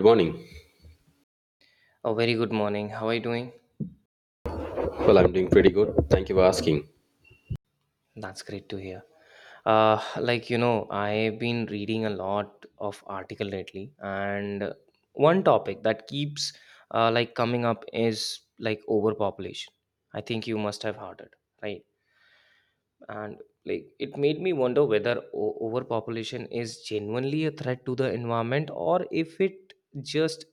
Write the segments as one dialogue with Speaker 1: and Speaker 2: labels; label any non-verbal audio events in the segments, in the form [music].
Speaker 1: Good morning.
Speaker 2: Oh, very good morning. How are you doing?
Speaker 1: Well, I'm doing pretty good. Thank you for asking.
Speaker 2: That's great to hear. I've been reading a lot of article lately, and one topic that keeps coming up is like overpopulation. I think you must have heard it, right? And like, it made me wonder whether overpopulation is genuinely a threat to the environment or if it just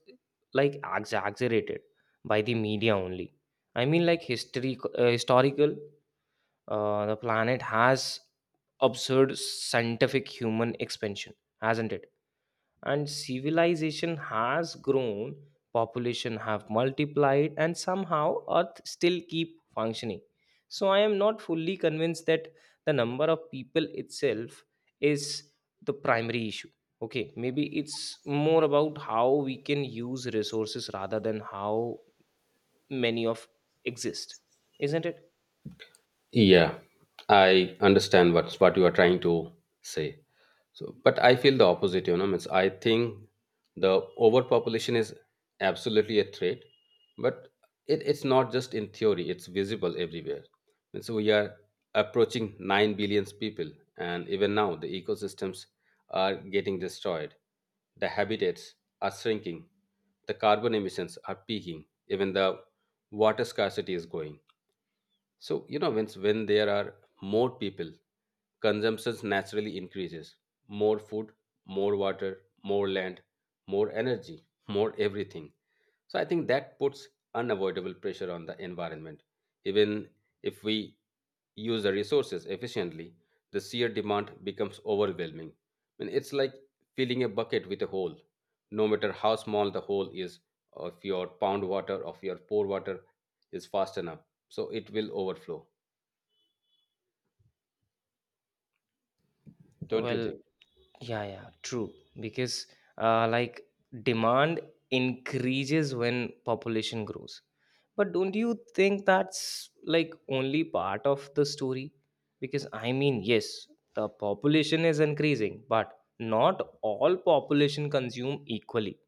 Speaker 2: like exaggerated by the media only. I mean, like history, historical the planet has observed scientific human expansion, hasn't it? And civilization has grown, population have multiplied, and somehow Earth still keep functioning. So I am not fully convinced that the number of people itself is the primary issue. Okay, maybe it's more about how we can use resources rather than how many of exist, isn't it?
Speaker 1: Yeah, I understand what you are trying to say. So, but I feel the opposite, you know. Means I think the overpopulation is absolutely a threat, but it's not just in theory, it's visible everywhere. And so we are approaching 9 billion people, and even now the ecosystems are getting destroyed. The habitats are shrinking, the carbon emissions are peaking, even the water scarcity is going so, you know, when there are more people, consumption naturally increases. More food, more water, more land, more energy, more everything. So I think that puts unavoidable pressure on the environment. Even if we use the resources efficiently, the sheer demand becomes overwhelming. I mean, it's like filling a bucket with a hole. No matter how small the hole is, or if your pound water, or if your pour water is fast enough so it will overflow.
Speaker 2: Okay.
Speaker 1: Don't you
Speaker 2: Well,
Speaker 1: think?
Speaker 2: yeah, yeah, true. Because uh, like demand increases when population grows. But don't you think that's like only part of the story? Because I mean, yes, the population is increasing, but not all population consume equally.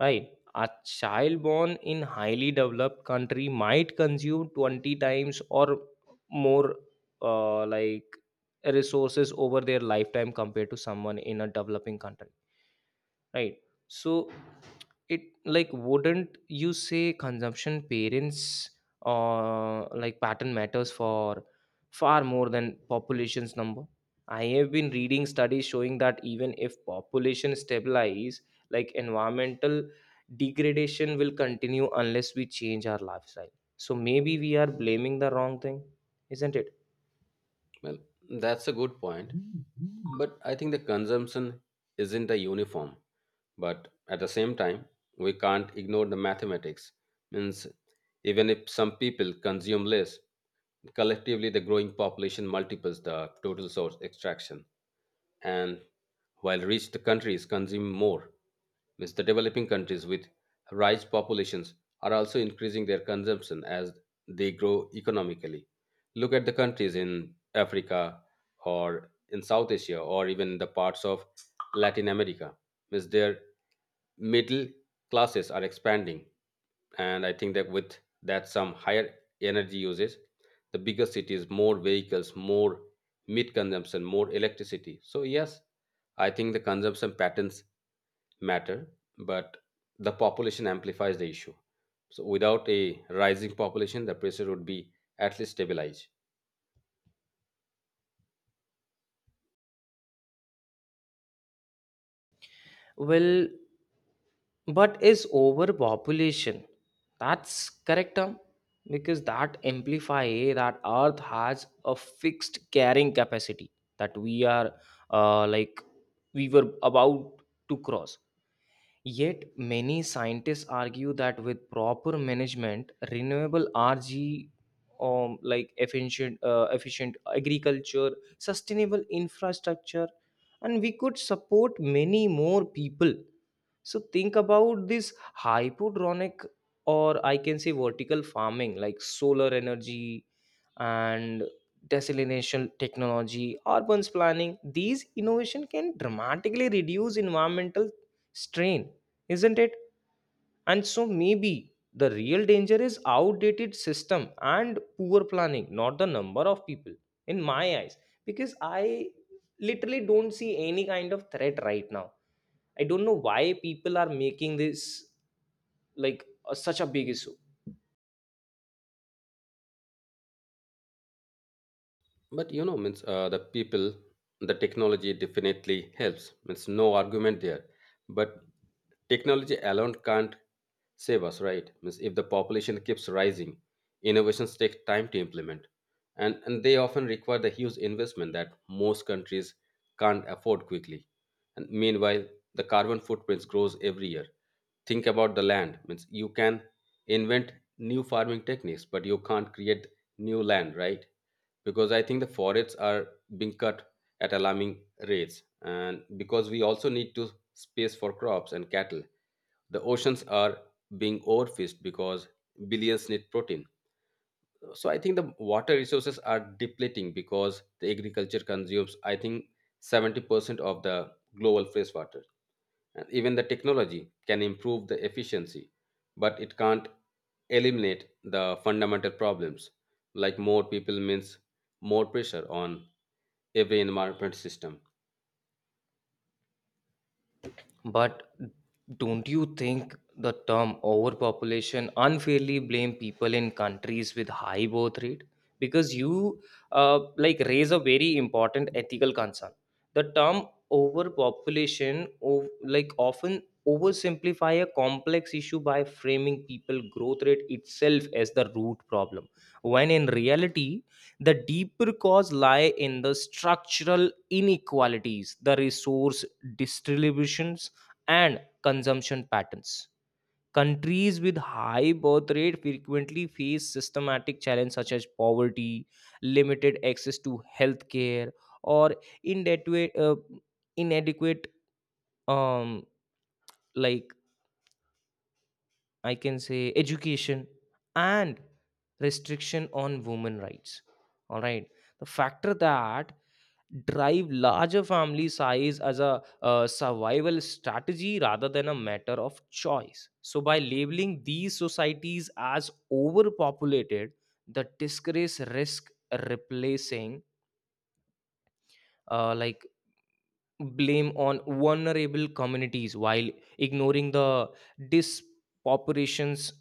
Speaker 2: Right. A child born in highly developed country might consume 20 times or more uh, like resources over their lifetime compared to someone in a developing country, right. So it like, wouldn't you say consumption parents or like pattern matters for far more than population's number? I have been reading studies showing that even if population stabilize, like environmental degradation will continue unless we change our lifestyle. So maybe we are blaming the wrong thing, isn't it?
Speaker 1: Well, that's a good point, but I think the consumption isn't a uniform, but at the same time we can't ignore the mathematics. Means even if some people consume less, collectively the growing population multiples the total source extraction. And while rich countries consume more, means the developing countries with rice populations are also increasing their consumption as they grow economically. Look at the countries in Africa or in South Asia or even the parts of Latin America. Means their middle classes are expanding, and I think that with that some higher energy usage, the bigger cities, more vehicles, more meat consumption, more electricity. So yes, I think the consumption patterns matter, but the population amplifies the issue. So without a rising population, the pressure would be at least stabilized.
Speaker 2: Well, but is overpopulation that's correct term, because that imply that earth has a fixed carrying capacity that we are uh, like we were about to cross. Yet many scientists argue that with proper management renewable rg, efficient efficient agriculture, sustainable infrastructure, and we could support many more people. So think about this hypodronic, or I can say vertical farming, like solar energy and desalination technology, urban planning. These innovation can dramatically reduce environmental strain, isn't it? And so maybe the real danger is outdated system and poor planning, not the number of people in my eyes. Because I literally don't see any kind of threat right now. I don't know why people are making this like a, such a big issue.
Speaker 1: But you know, means the people, the technology definitely helps. Means no argument there. But technology alone can't save us, right? Means if the population keeps rising, innovations take time to implement, and they often require the huge investment that most countries can't afford quickly. And meanwhile, the carbon footprint grows every year. Think about the land. Means you can invent new farming techniques, but you can't create new land, right? Because I think the forests are being cut at alarming rates, and because we also need to space for crops and cattle, the oceans are being overfished because billions need protein. So I think the water resources are depleting because the agriculture consumes, I think, 70% of the global fresh water. And even the technology can improve the efficiency, but it can't eliminate the fundamental problems. Like more people means more pressure on every environment system.
Speaker 2: But don't you think the term overpopulation unfairly blame people in countries with high birth rate? Because you raise a very important ethical concern. The term overpopulation of, like often oversimplify a complex issue by framing people growth rate itself as the root problem when in reality the deeper cause lie in the structural inequalities, the resource distribution and consumption patterns. Countries with high birth rate frequently face systematic challenges such as poverty, limited access to healthcare, or inadequate, uh, inadequate, um, like I can say education and restriction on women rights. All right. The factor that drive larger family size as a survival strategy rather than a matter of choice. So by labeling these societies as overpopulated, the disgrace risk replacing uh, like blame on vulnerable communities while ignoring the dispopulation's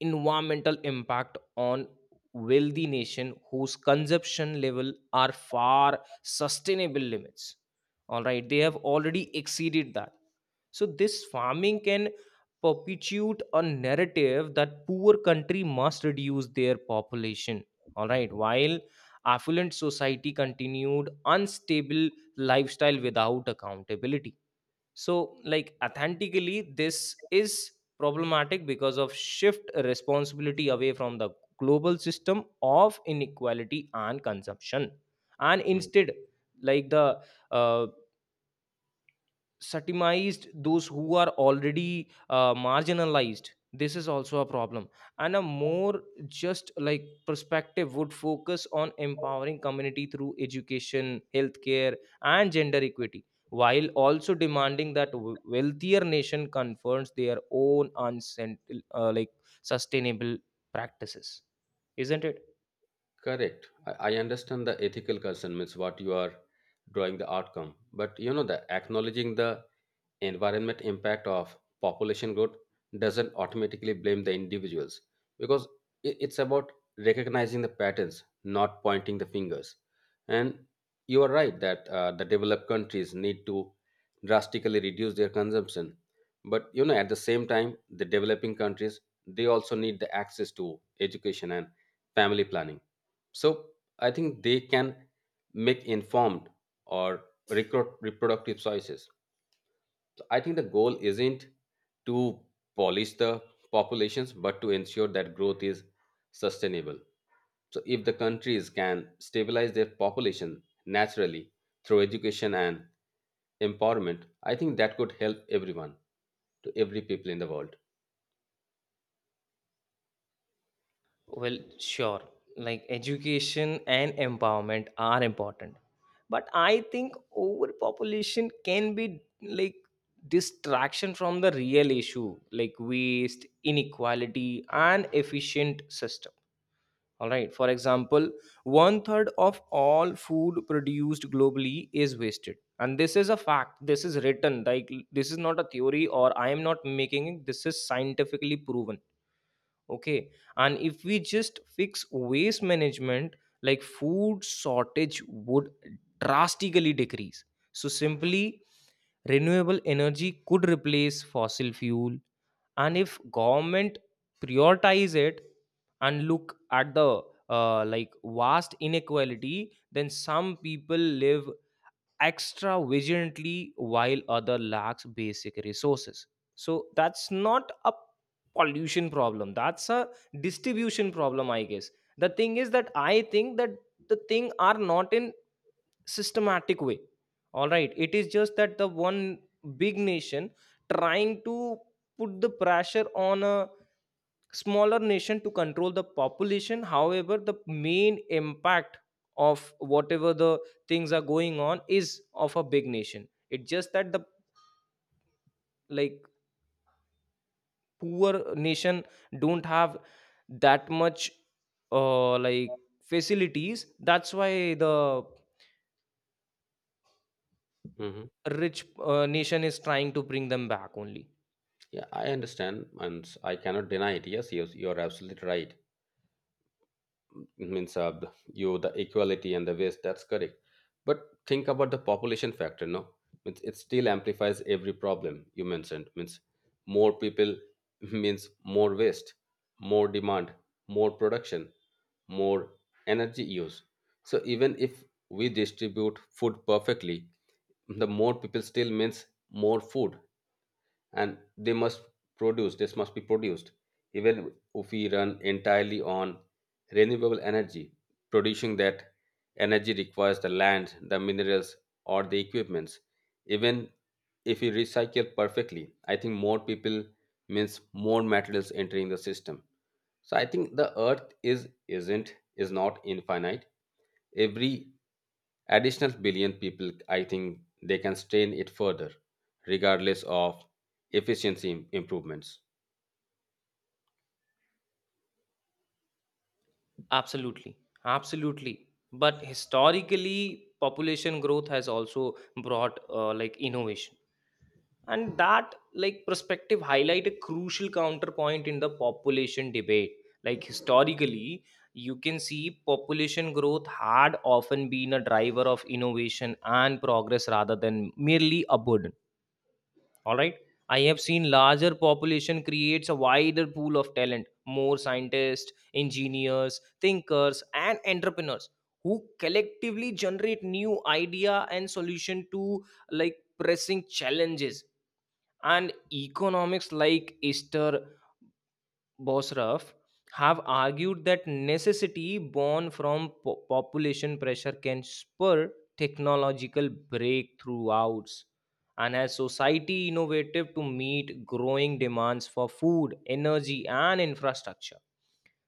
Speaker 2: environmental impact on wealthy nation whose consumption level are far sustainable limits, all right, they have already exceeded that. So this farming can perpetuate a narrative that poor country must reduce their population, all right, while affluent society continued unstable lifestyle without accountability. So like authentically this is problematic because of shift responsibility away from the global system of inequality and consumption, and
Speaker 1: Hmm.
Speaker 2: instead like the uh, satimized those who are already marginalized, this is also a problem. And a more just like perspective would focus on empowering community through education healthcare and gender equity, while also demanding that wealthier nation confronts their own uh, like sustainable practices, isn't it?
Speaker 1: Correct. I understand the ethical concern, means what you are drawing the outcome. But you know the acknowledging the environment impact of population growth doesn't automatically blame the individuals, because it's about recognizing the patterns, not pointing the fingers. And you are right that the developed countries need to drastically reduce their consumption, but you know at the same time the developing countries, they also need the access to education and family planning, so I think they can make informed or recruit reproductive choices. So I think the goal isn't to polish the populations, but to ensure that growth is sustainable. So, if the countries can stabilize their population naturally through education and empowerment, I think that could help everyone, to every people in the world.
Speaker 2: Well, sure. Like education and empowerment are important. But I think overpopulation can be like distraction from the real issue, like waste, inequality, and efficient system. All right. For example, one third of all food produced globally is wasted. And this is a fact. This is written. Like this is not a theory or I am not making it. This is scientifically proven, okay. And if we just fix waste management, like food shortage would drastically decrease. So simply renewable energy could replace fossil fuel, and if government prioritize it, and look at the vast inequality, then some people live extra vigilantly while other lacks basic resources. So that's not a pollution problem, that's a distribution problem, I guess. The thing is that I think that the thing are not in systematic way. All right, it is just that the one big nation trying to put the pressure on a smaller nation to control the population, however the main impact of whatever the things are going on is of a big nation. It's just that the like poor nation don't have that much uh, like facilities, that's why the
Speaker 1: Hmm.
Speaker 2: rich nation is trying to bring them back only.
Speaker 1: Yeah, I understand, and I cannot deny it. Yes, yes, you are absolutely right. Means you the equality and the waste, that's correct. But think about the population factor, no? Means it still amplifies every problem you mentioned. Means more people [laughs] means more waste, more demand, more production, more energy use. So even if we distribute food perfectly, the more people still means more food, and they must produce, this must be produced. Even if we run entirely on renewable energy, producing that energy requires the land, the minerals, or the equipments. Even if we recycle perfectly, I think more people means more materials entering the system. So I think the earth is not infinite. Every additional billion people, I think they can strain it further, regardless of efficiency improvements.
Speaker 2: Absolutely, absolutely. But historically population growth has also brought innovation, and that like perspective highlight a crucial counterpoint in the population debate. Like historically, you can see population growth had often been a driver of innovation and progress rather than merely a burden, all right. I have seen larger population creates a wider pool of talent, more scientists, engineers, thinkers and entrepreneurs, who collectively generate new idea and solution to like pressing challenges. And economics like Esther Bosraf have argued that necessity born from population pressure can spur technological breakthroughs, and as society innovative to meet growing demands for food, energy and infrastructure.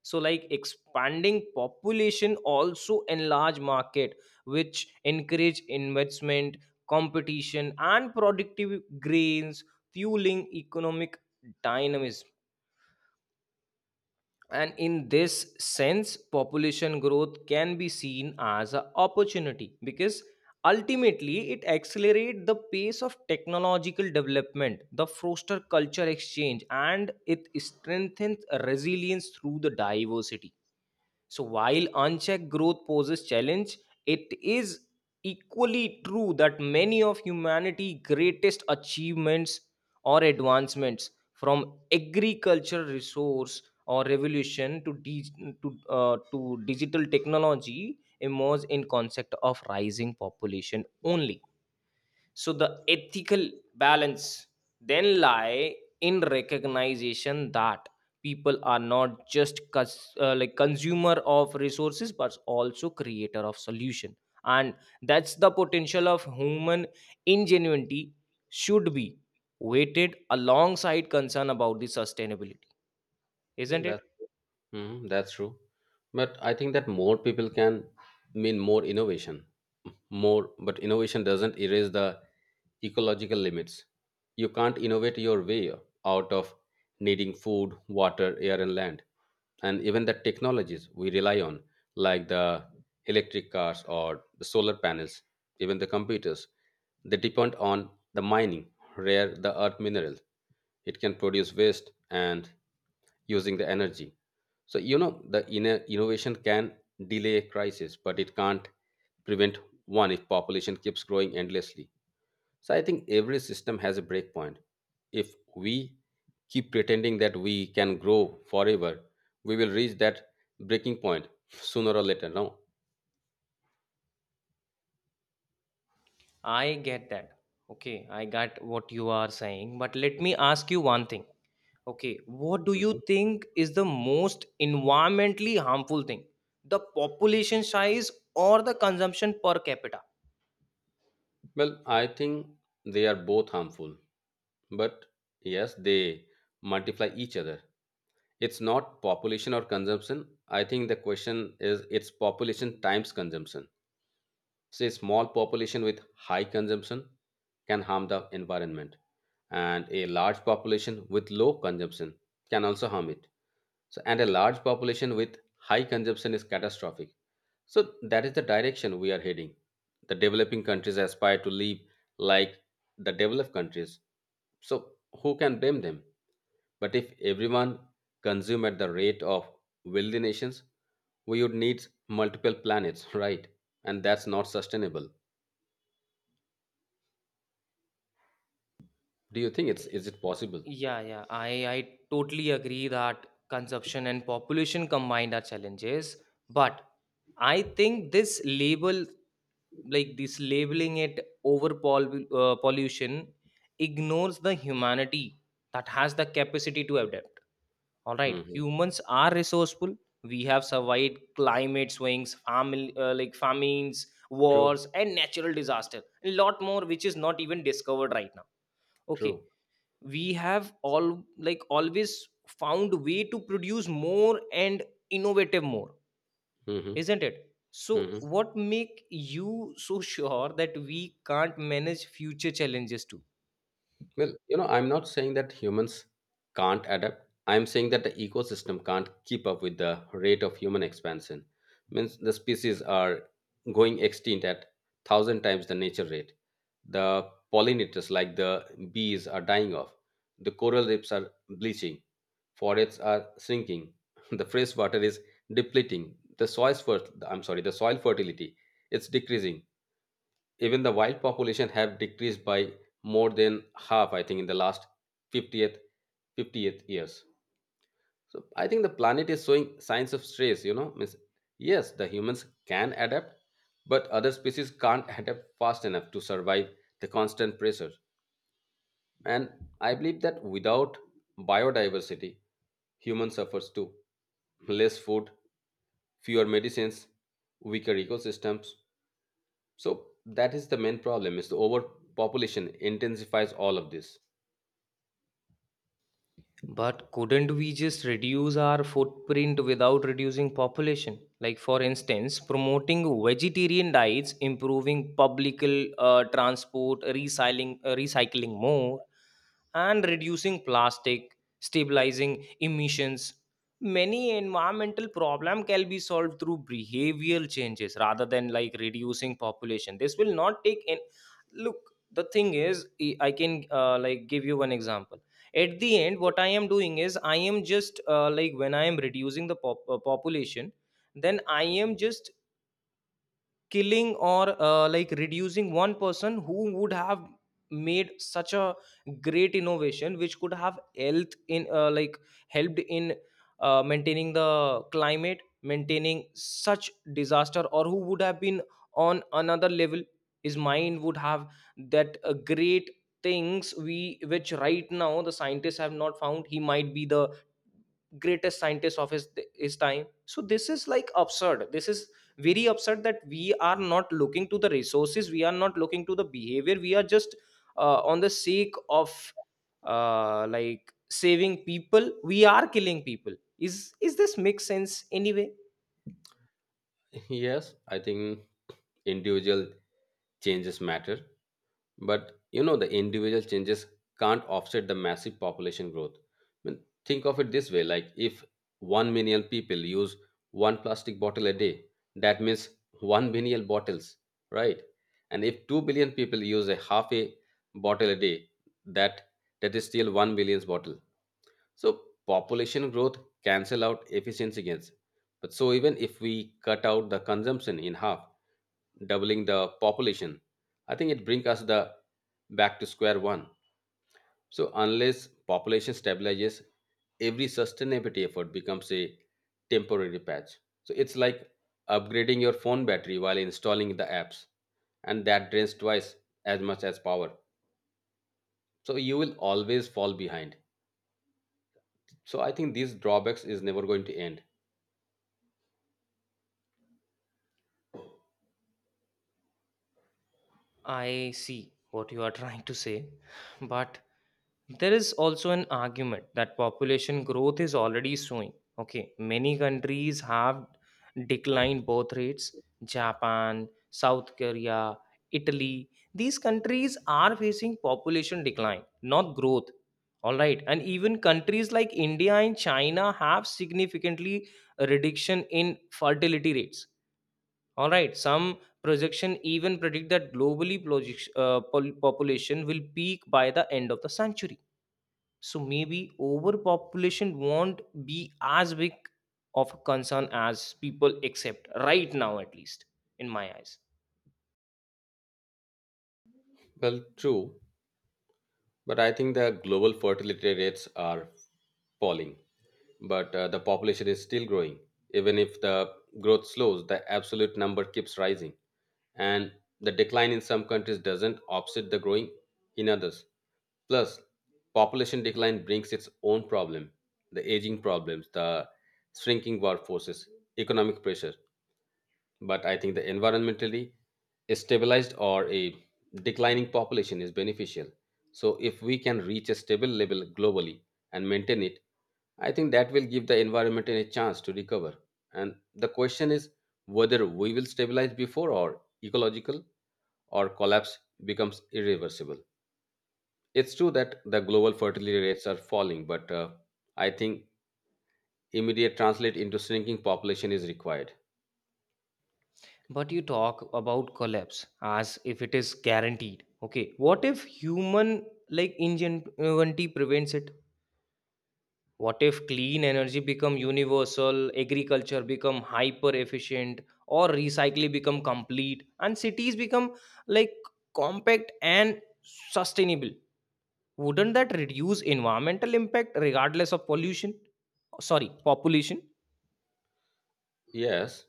Speaker 2: So like expanding population also enlarge market, which encourage investment, competition and productive grains, fueling economic dynamism. And in this sense population growth can be seen as an opportunity because ultimately it accelerates the pace of technological development, the foster culture exchange, and it strengthens resilience through the diversity. So while unchecked growth poses challenge, it is equally true that many of humanity's greatest achievements or advancements, from agricultural resource or revolution to, to digital technology, emerge in concept of rising population only. So the ethical balance then lie in recognition that people are not just consumer of resources but also creator of solution, and that's the potential of human ingenuity should be weighted alongside concern about the sustainability,
Speaker 1: Well
Speaker 2: isn't
Speaker 1: that,
Speaker 2: it?
Speaker 1: mhm, that's true. But I think that more people can mean more innovation, more, but innovation doesn't erase the ecological limits. You can't innovate your way out of needing food, water, air, and land. And even the technologies we rely on, like the electric cars or the solar panels, even the computers, they depend on the mining, rare the earth mineral. It can produce waste and using the energy. So you know the inner innovation can delay a crisis, but it can't prevent one if population keeps growing endlessly. So I think every system has a breakpoint. If we keep pretending that we can grow forever, we will reach that breaking point sooner or later. No.
Speaker 2: I get that. Okay, I got what you are saying, but let me ask you one thing. Okay, what do you
Speaker 1: Mhm.
Speaker 2: think is the most environmentally harmful thing? The population size or the consumption per capita?
Speaker 1: Well, I think they are both harmful, but yes, they multiply each other. It's not population or consumption. I think the question is, it's population times consumption. Say small population with high consumption can harm the environment, and a large population with low consumption can also harm it. So, and a large population with high consumption is catastrophic. So that is the direction we are heading. The developing countries aspire to live like the developed countries, so who can blame them? But if everyone consume at the rate of wealthy nations, we would need multiple planets [laughs] right? And that's not sustainable. Do you think it's is it possible?
Speaker 2: Yeah, yeah, I totally agree that consumption and population combined are challenges. But I think this label, like this labeling it pollution, ignores the humanity that has the capacity to adapt. All right,
Speaker 1: Hmm.
Speaker 2: humans are resourceful. We have survived climate swings, family like famines,
Speaker 1: True,
Speaker 2: wars, and natural disaster. A lot more, which is not even discovered right now. Okay,
Speaker 1: true.
Speaker 2: we have all like always found way to produce more and innovative more,
Speaker 1: Hmm.
Speaker 2: isn't it? So,
Speaker 1: Hmm.
Speaker 2: what make you so sure that we can't manage future challenges too?
Speaker 1: Well, you know, I'm not saying that humans can't adapt. I'm saying that the ecosystem can't keep up with the rate of human expansion. Means the species are going extinct at thousand times the nature rate. The pollinators, like the bees, are dying off. The coral reefs are bleaching. Forests are shrinking. [laughs] The fresh water is depleting. The soil, the soil fertility, it's decreasing. Even the wild population have decreased by more than half, I think, in the last 50th 50th years. So I think the planet is showing signs of stress, you know. Means yes, the humans can adapt, but other species can't adapt fast enough to survive the constant pressure. And I believe that without biodiversity, human suffers too. Less food, fewer medicines, weaker ecosystems. So that is the main problem, is the overpopulation intensifies all of this.
Speaker 2: But couldn't we just reduce our footprint without reducing population? Like, for instance, promoting vegetarian diets, improving public transport, recycling more, and reducing plastic, stabilizing emissions. Many environmental problem can be solved through behavioral changes rather than like reducing population. This will not take in. Look, the thing is, I can give you one example. At the end what I am doing is I am just when I am reducing the population, then I am just killing or reducing one person who would have made such a great innovation, which could have helped in helped in maintaining the climate, maintaining such disaster, or who would have been on another level. His mind would have that great things we, which right now the scientists have not found. He might be the greatest scientist of his time. So this is like absurd. This is very upset that we are not looking to the resources, we are not looking to the behavior, we are just on the sake of saving people we are killing people. Is this make sense anyway?
Speaker 1: [laughs] Yes, I think individual changes matter, but you know the individual changes can't offset the massive population growth. I mean, think of it this way, like if 1 million people use one plastic bottle a day, that means 1 billion bottles, right? And if 2 billion people use a half a bottle a day, that that is still 1 billion bottle. So population growth cancel out efficiency gains. But so even if we cut out the consumption in half, doubling the population, I think it brings us the back to square one. So unless population stabilizes, every sustainability effort becomes a temporary patch. So it's like upgrading your phone battery while installing the apps, and that drains twice as much as power. So you will always fall behind. So I think these drawbacks is never going to end.
Speaker 2: I see what you are trying to say, but there is also an argument that population growth is already showing. Okay, many countries have declined birth rates. Japan, South Korea, Italy, these countries are facing population decline, not growth. All right, and even countries like India and China have significantly reduction in fertility rates, all right, some projection even predict that globally population will peak by the end of the century. So maybe overpopulation won't be as big of a concern as people accept right now, at least in my eyes.
Speaker 1: Well, true, but I think the global fertility rates are falling, but the population is still growing. Even if the growth slows, the absolute number keeps rising, and the decline in some countries doesn't offset the growing in others. Plus, population decline brings its own problem, the aging problems, the shrinking workforces, economic pressure. But I think the environmentally stabilized or a declining population is beneficial. So if we can reach a stable level globally and maintain it, I think that will give the environment a chance to recover. And the question is whether we will stabilize before or ecological or collapse becomes irreversible. It's true that the global fertility rates are falling, but I think immediate translate into shrinking population is required.
Speaker 2: But you talk about collapse as if it is guaranteed. Okay, what if human like ingenuity prevents it? What if clean energy become universal, agriculture become hyper efficient, or recycling become complete, and cities become like compact and sustainable? Wouldn't that reduce environmental impact regardless of pollution, sorry, population?
Speaker 1: Yes,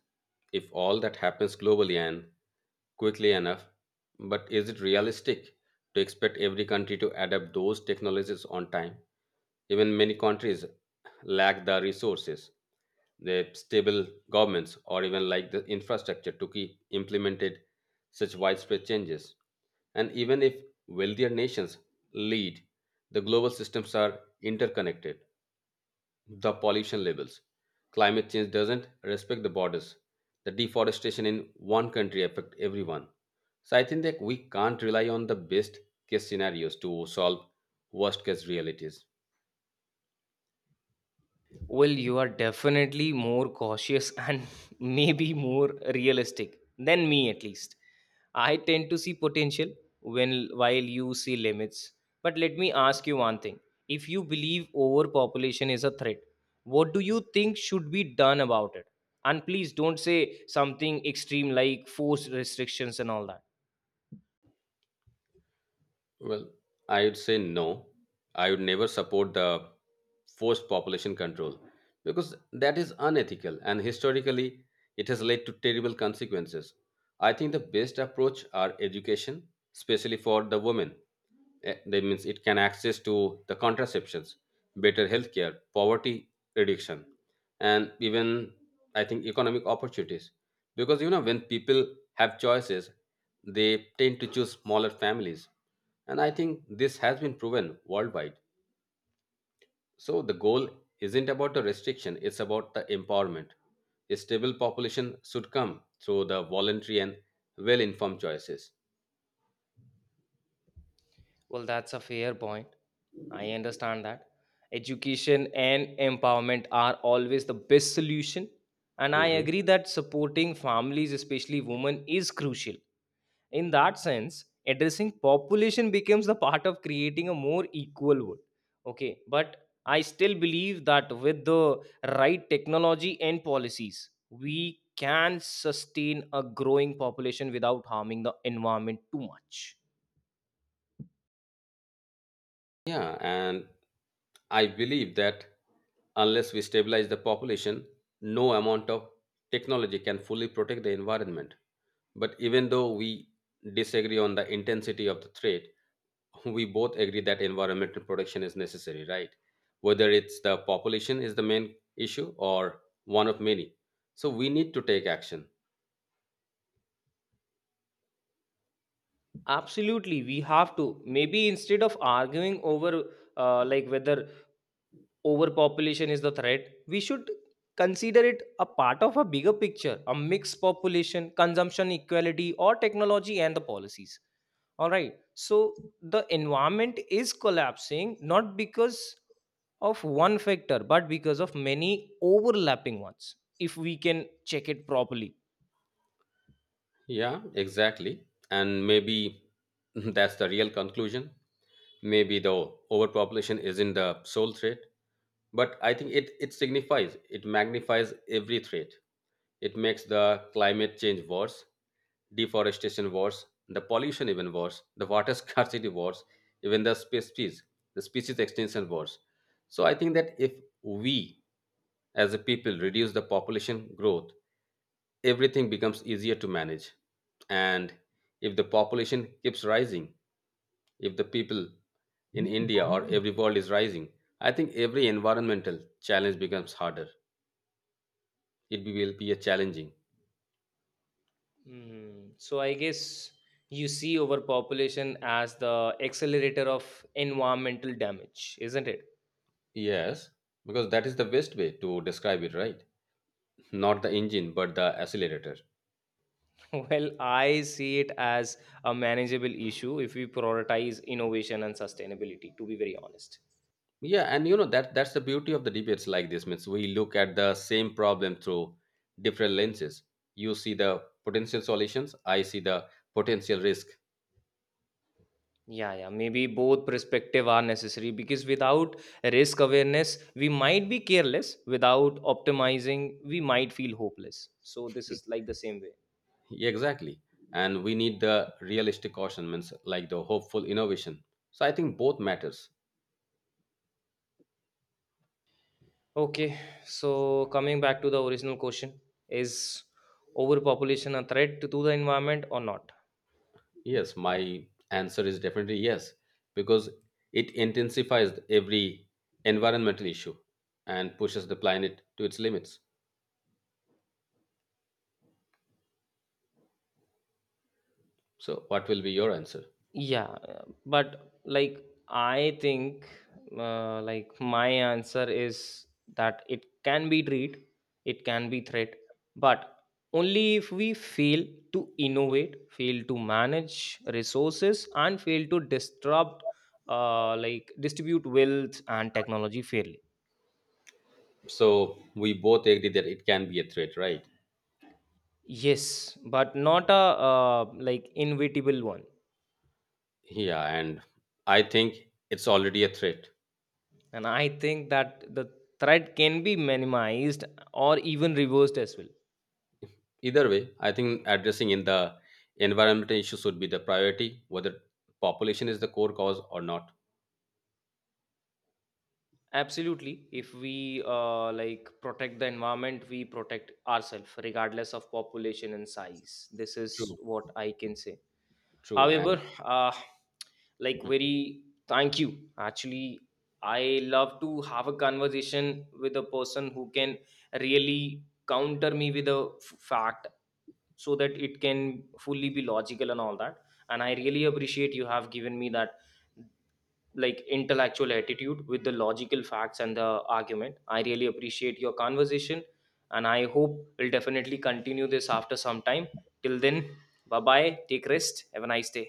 Speaker 1: if all that happens globally and quickly enough, but is it realistic to expect every country to adapt those technologies on time? Even many countries lack the resources, the stable governments, or even like the infrastructure to keep implemented such widespread changes. And even if wealthier nations lead, the global systems are interconnected, the pollution levels. Climate change doesn't respect the borders. The deforestation in one country affect everyone. So I think that we can't rely on the best case scenarios to solve worst case realities.
Speaker 2: Well, you are definitely more cautious [laughs] and maybe more realistic than me, at least. I tend to see potential when while you see limits. But let me ask you one thing. If you believe overpopulation is a threat, what do you think should be done about it? And please don't say something extreme like forced restrictions and all that.
Speaker 1: Well, I would say no. I would never support the forced population control because that is unethical and historically it has led to terrible consequences. I think the best approach are education, especially for the women. Eh, that means it can access to the contraceptions, better healthcare, poverty reduction, and even I think economic opportunities. Because you know when people have choices, they tend to choose smaller families, and I think this has been proven worldwide. So the goal isn't about the restriction, it's about the empowerment. A stable population should come through the voluntary and well informed choices.
Speaker 2: Well, that's a fair point. I understand that. Education and empowerment are always the best solution. And I
Speaker 1: Mhm.
Speaker 2: agree that supporting families, especially women, is crucial. In that sense, addressing population becomes the part of creating a more equal world. Okay, but I still believe that with the right technology and policies, we can sustain a growing population without harming the environment too much.
Speaker 1: Yeah, and I believe that unless we stabilize the population, no amount of technology can fully protect the environment. But even though we disagree on the intensity of the threat, we both agree that environmental protection is necessary, right? Whether it's the population is the main issue or one of many. So we need to take action.
Speaker 2: Absolutely, we have to. Maybe instead of arguing over whether overpopulation is the threat, we should consider it a part of a bigger picture, a mixed population, consumption equality, or technology and the policies. All right. So the environment is collapsing not because of one factor, but because of many overlapping ones, if we can check it properly.
Speaker 1: Yeah, exactly. And maybe [laughs] that's the real conclusion. Maybe the overpopulation isn't the sole threat, but I think it signifies, it magnifies every threat. It makes the climate change worse, deforestation wars, the pollution even wars, the water [laughs] scarcity wars, even the species extinction wars. So I think that if we as a people reduce the population growth, everything becomes easier to manage. And if the population keeps rising, if the people in India or every world is rising, I think every environmental challenge becomes harder. It will be a challenging.
Speaker 2: Mm, so I guess you see overpopulation as the accelerator of environmental damage, isn't it?
Speaker 1: Yes, because that is the best way to describe it, right? Not the engine, but the accelerator.
Speaker 2: [laughs] Well, I see it as a manageable issue if we prioritize innovation and sustainability, to be very honest.
Speaker 1: Yeah, and you know that that's the beauty of the debates like this. Means we look at the same problem through different lenses. You see the potential solutions, I see the potential risk.
Speaker 2: Yeah, yeah, maybe both perspective are necessary because without risk awareness, we might be careless. Without optimizing, we might feel hopeless. So this is like the same way.
Speaker 1: Yeah, exactly. And we need the realistic caution, means like the hopeful innovation, so I think both matters.
Speaker 2: Okay, so coming back to the original question, is overpopulation a threat to the environment or not?
Speaker 1: Yes, my answer is definitely yes, because it intensifies every environmental issue and pushes the planet to its limits. So what will be your answer?
Speaker 2: Yeah, but like I think, my answer is that it can be treat, it can be threat, but only if we fail to innovate, fail to manage resources, and fail to disrupt, distribute wealth and technology fairly.
Speaker 1: So we both agree that it can be a threat, right?
Speaker 2: Yes, but not a inevitable one.
Speaker 1: Yeah, and I think it's already a threat.
Speaker 2: And I think that the threat can be minimized or even reversed as well.
Speaker 1: Either way, I think addressing in the environmental issues should be the priority, whether population is the core cause or not.
Speaker 2: Absolutely, if we protect the environment, we protect ourselves regardless of population and size. This is
Speaker 1: True,
Speaker 2: what I can say.
Speaker 1: true, and
Speaker 2: However, like
Speaker 1: hmm,
Speaker 2: very thank you. Actually, I love to have a conversation with a person who can really counter me with a fact, so that it can fully be logical and all that, and I really appreciate you have given me that like intellectual attitude with the logical facts and the argument. I really appreciate your conversation, and I hope we'll definitely continue this after some time. Till then, bye bye, take rest, have a nice day.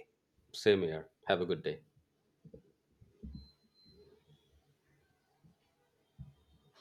Speaker 1: same here, have a good day.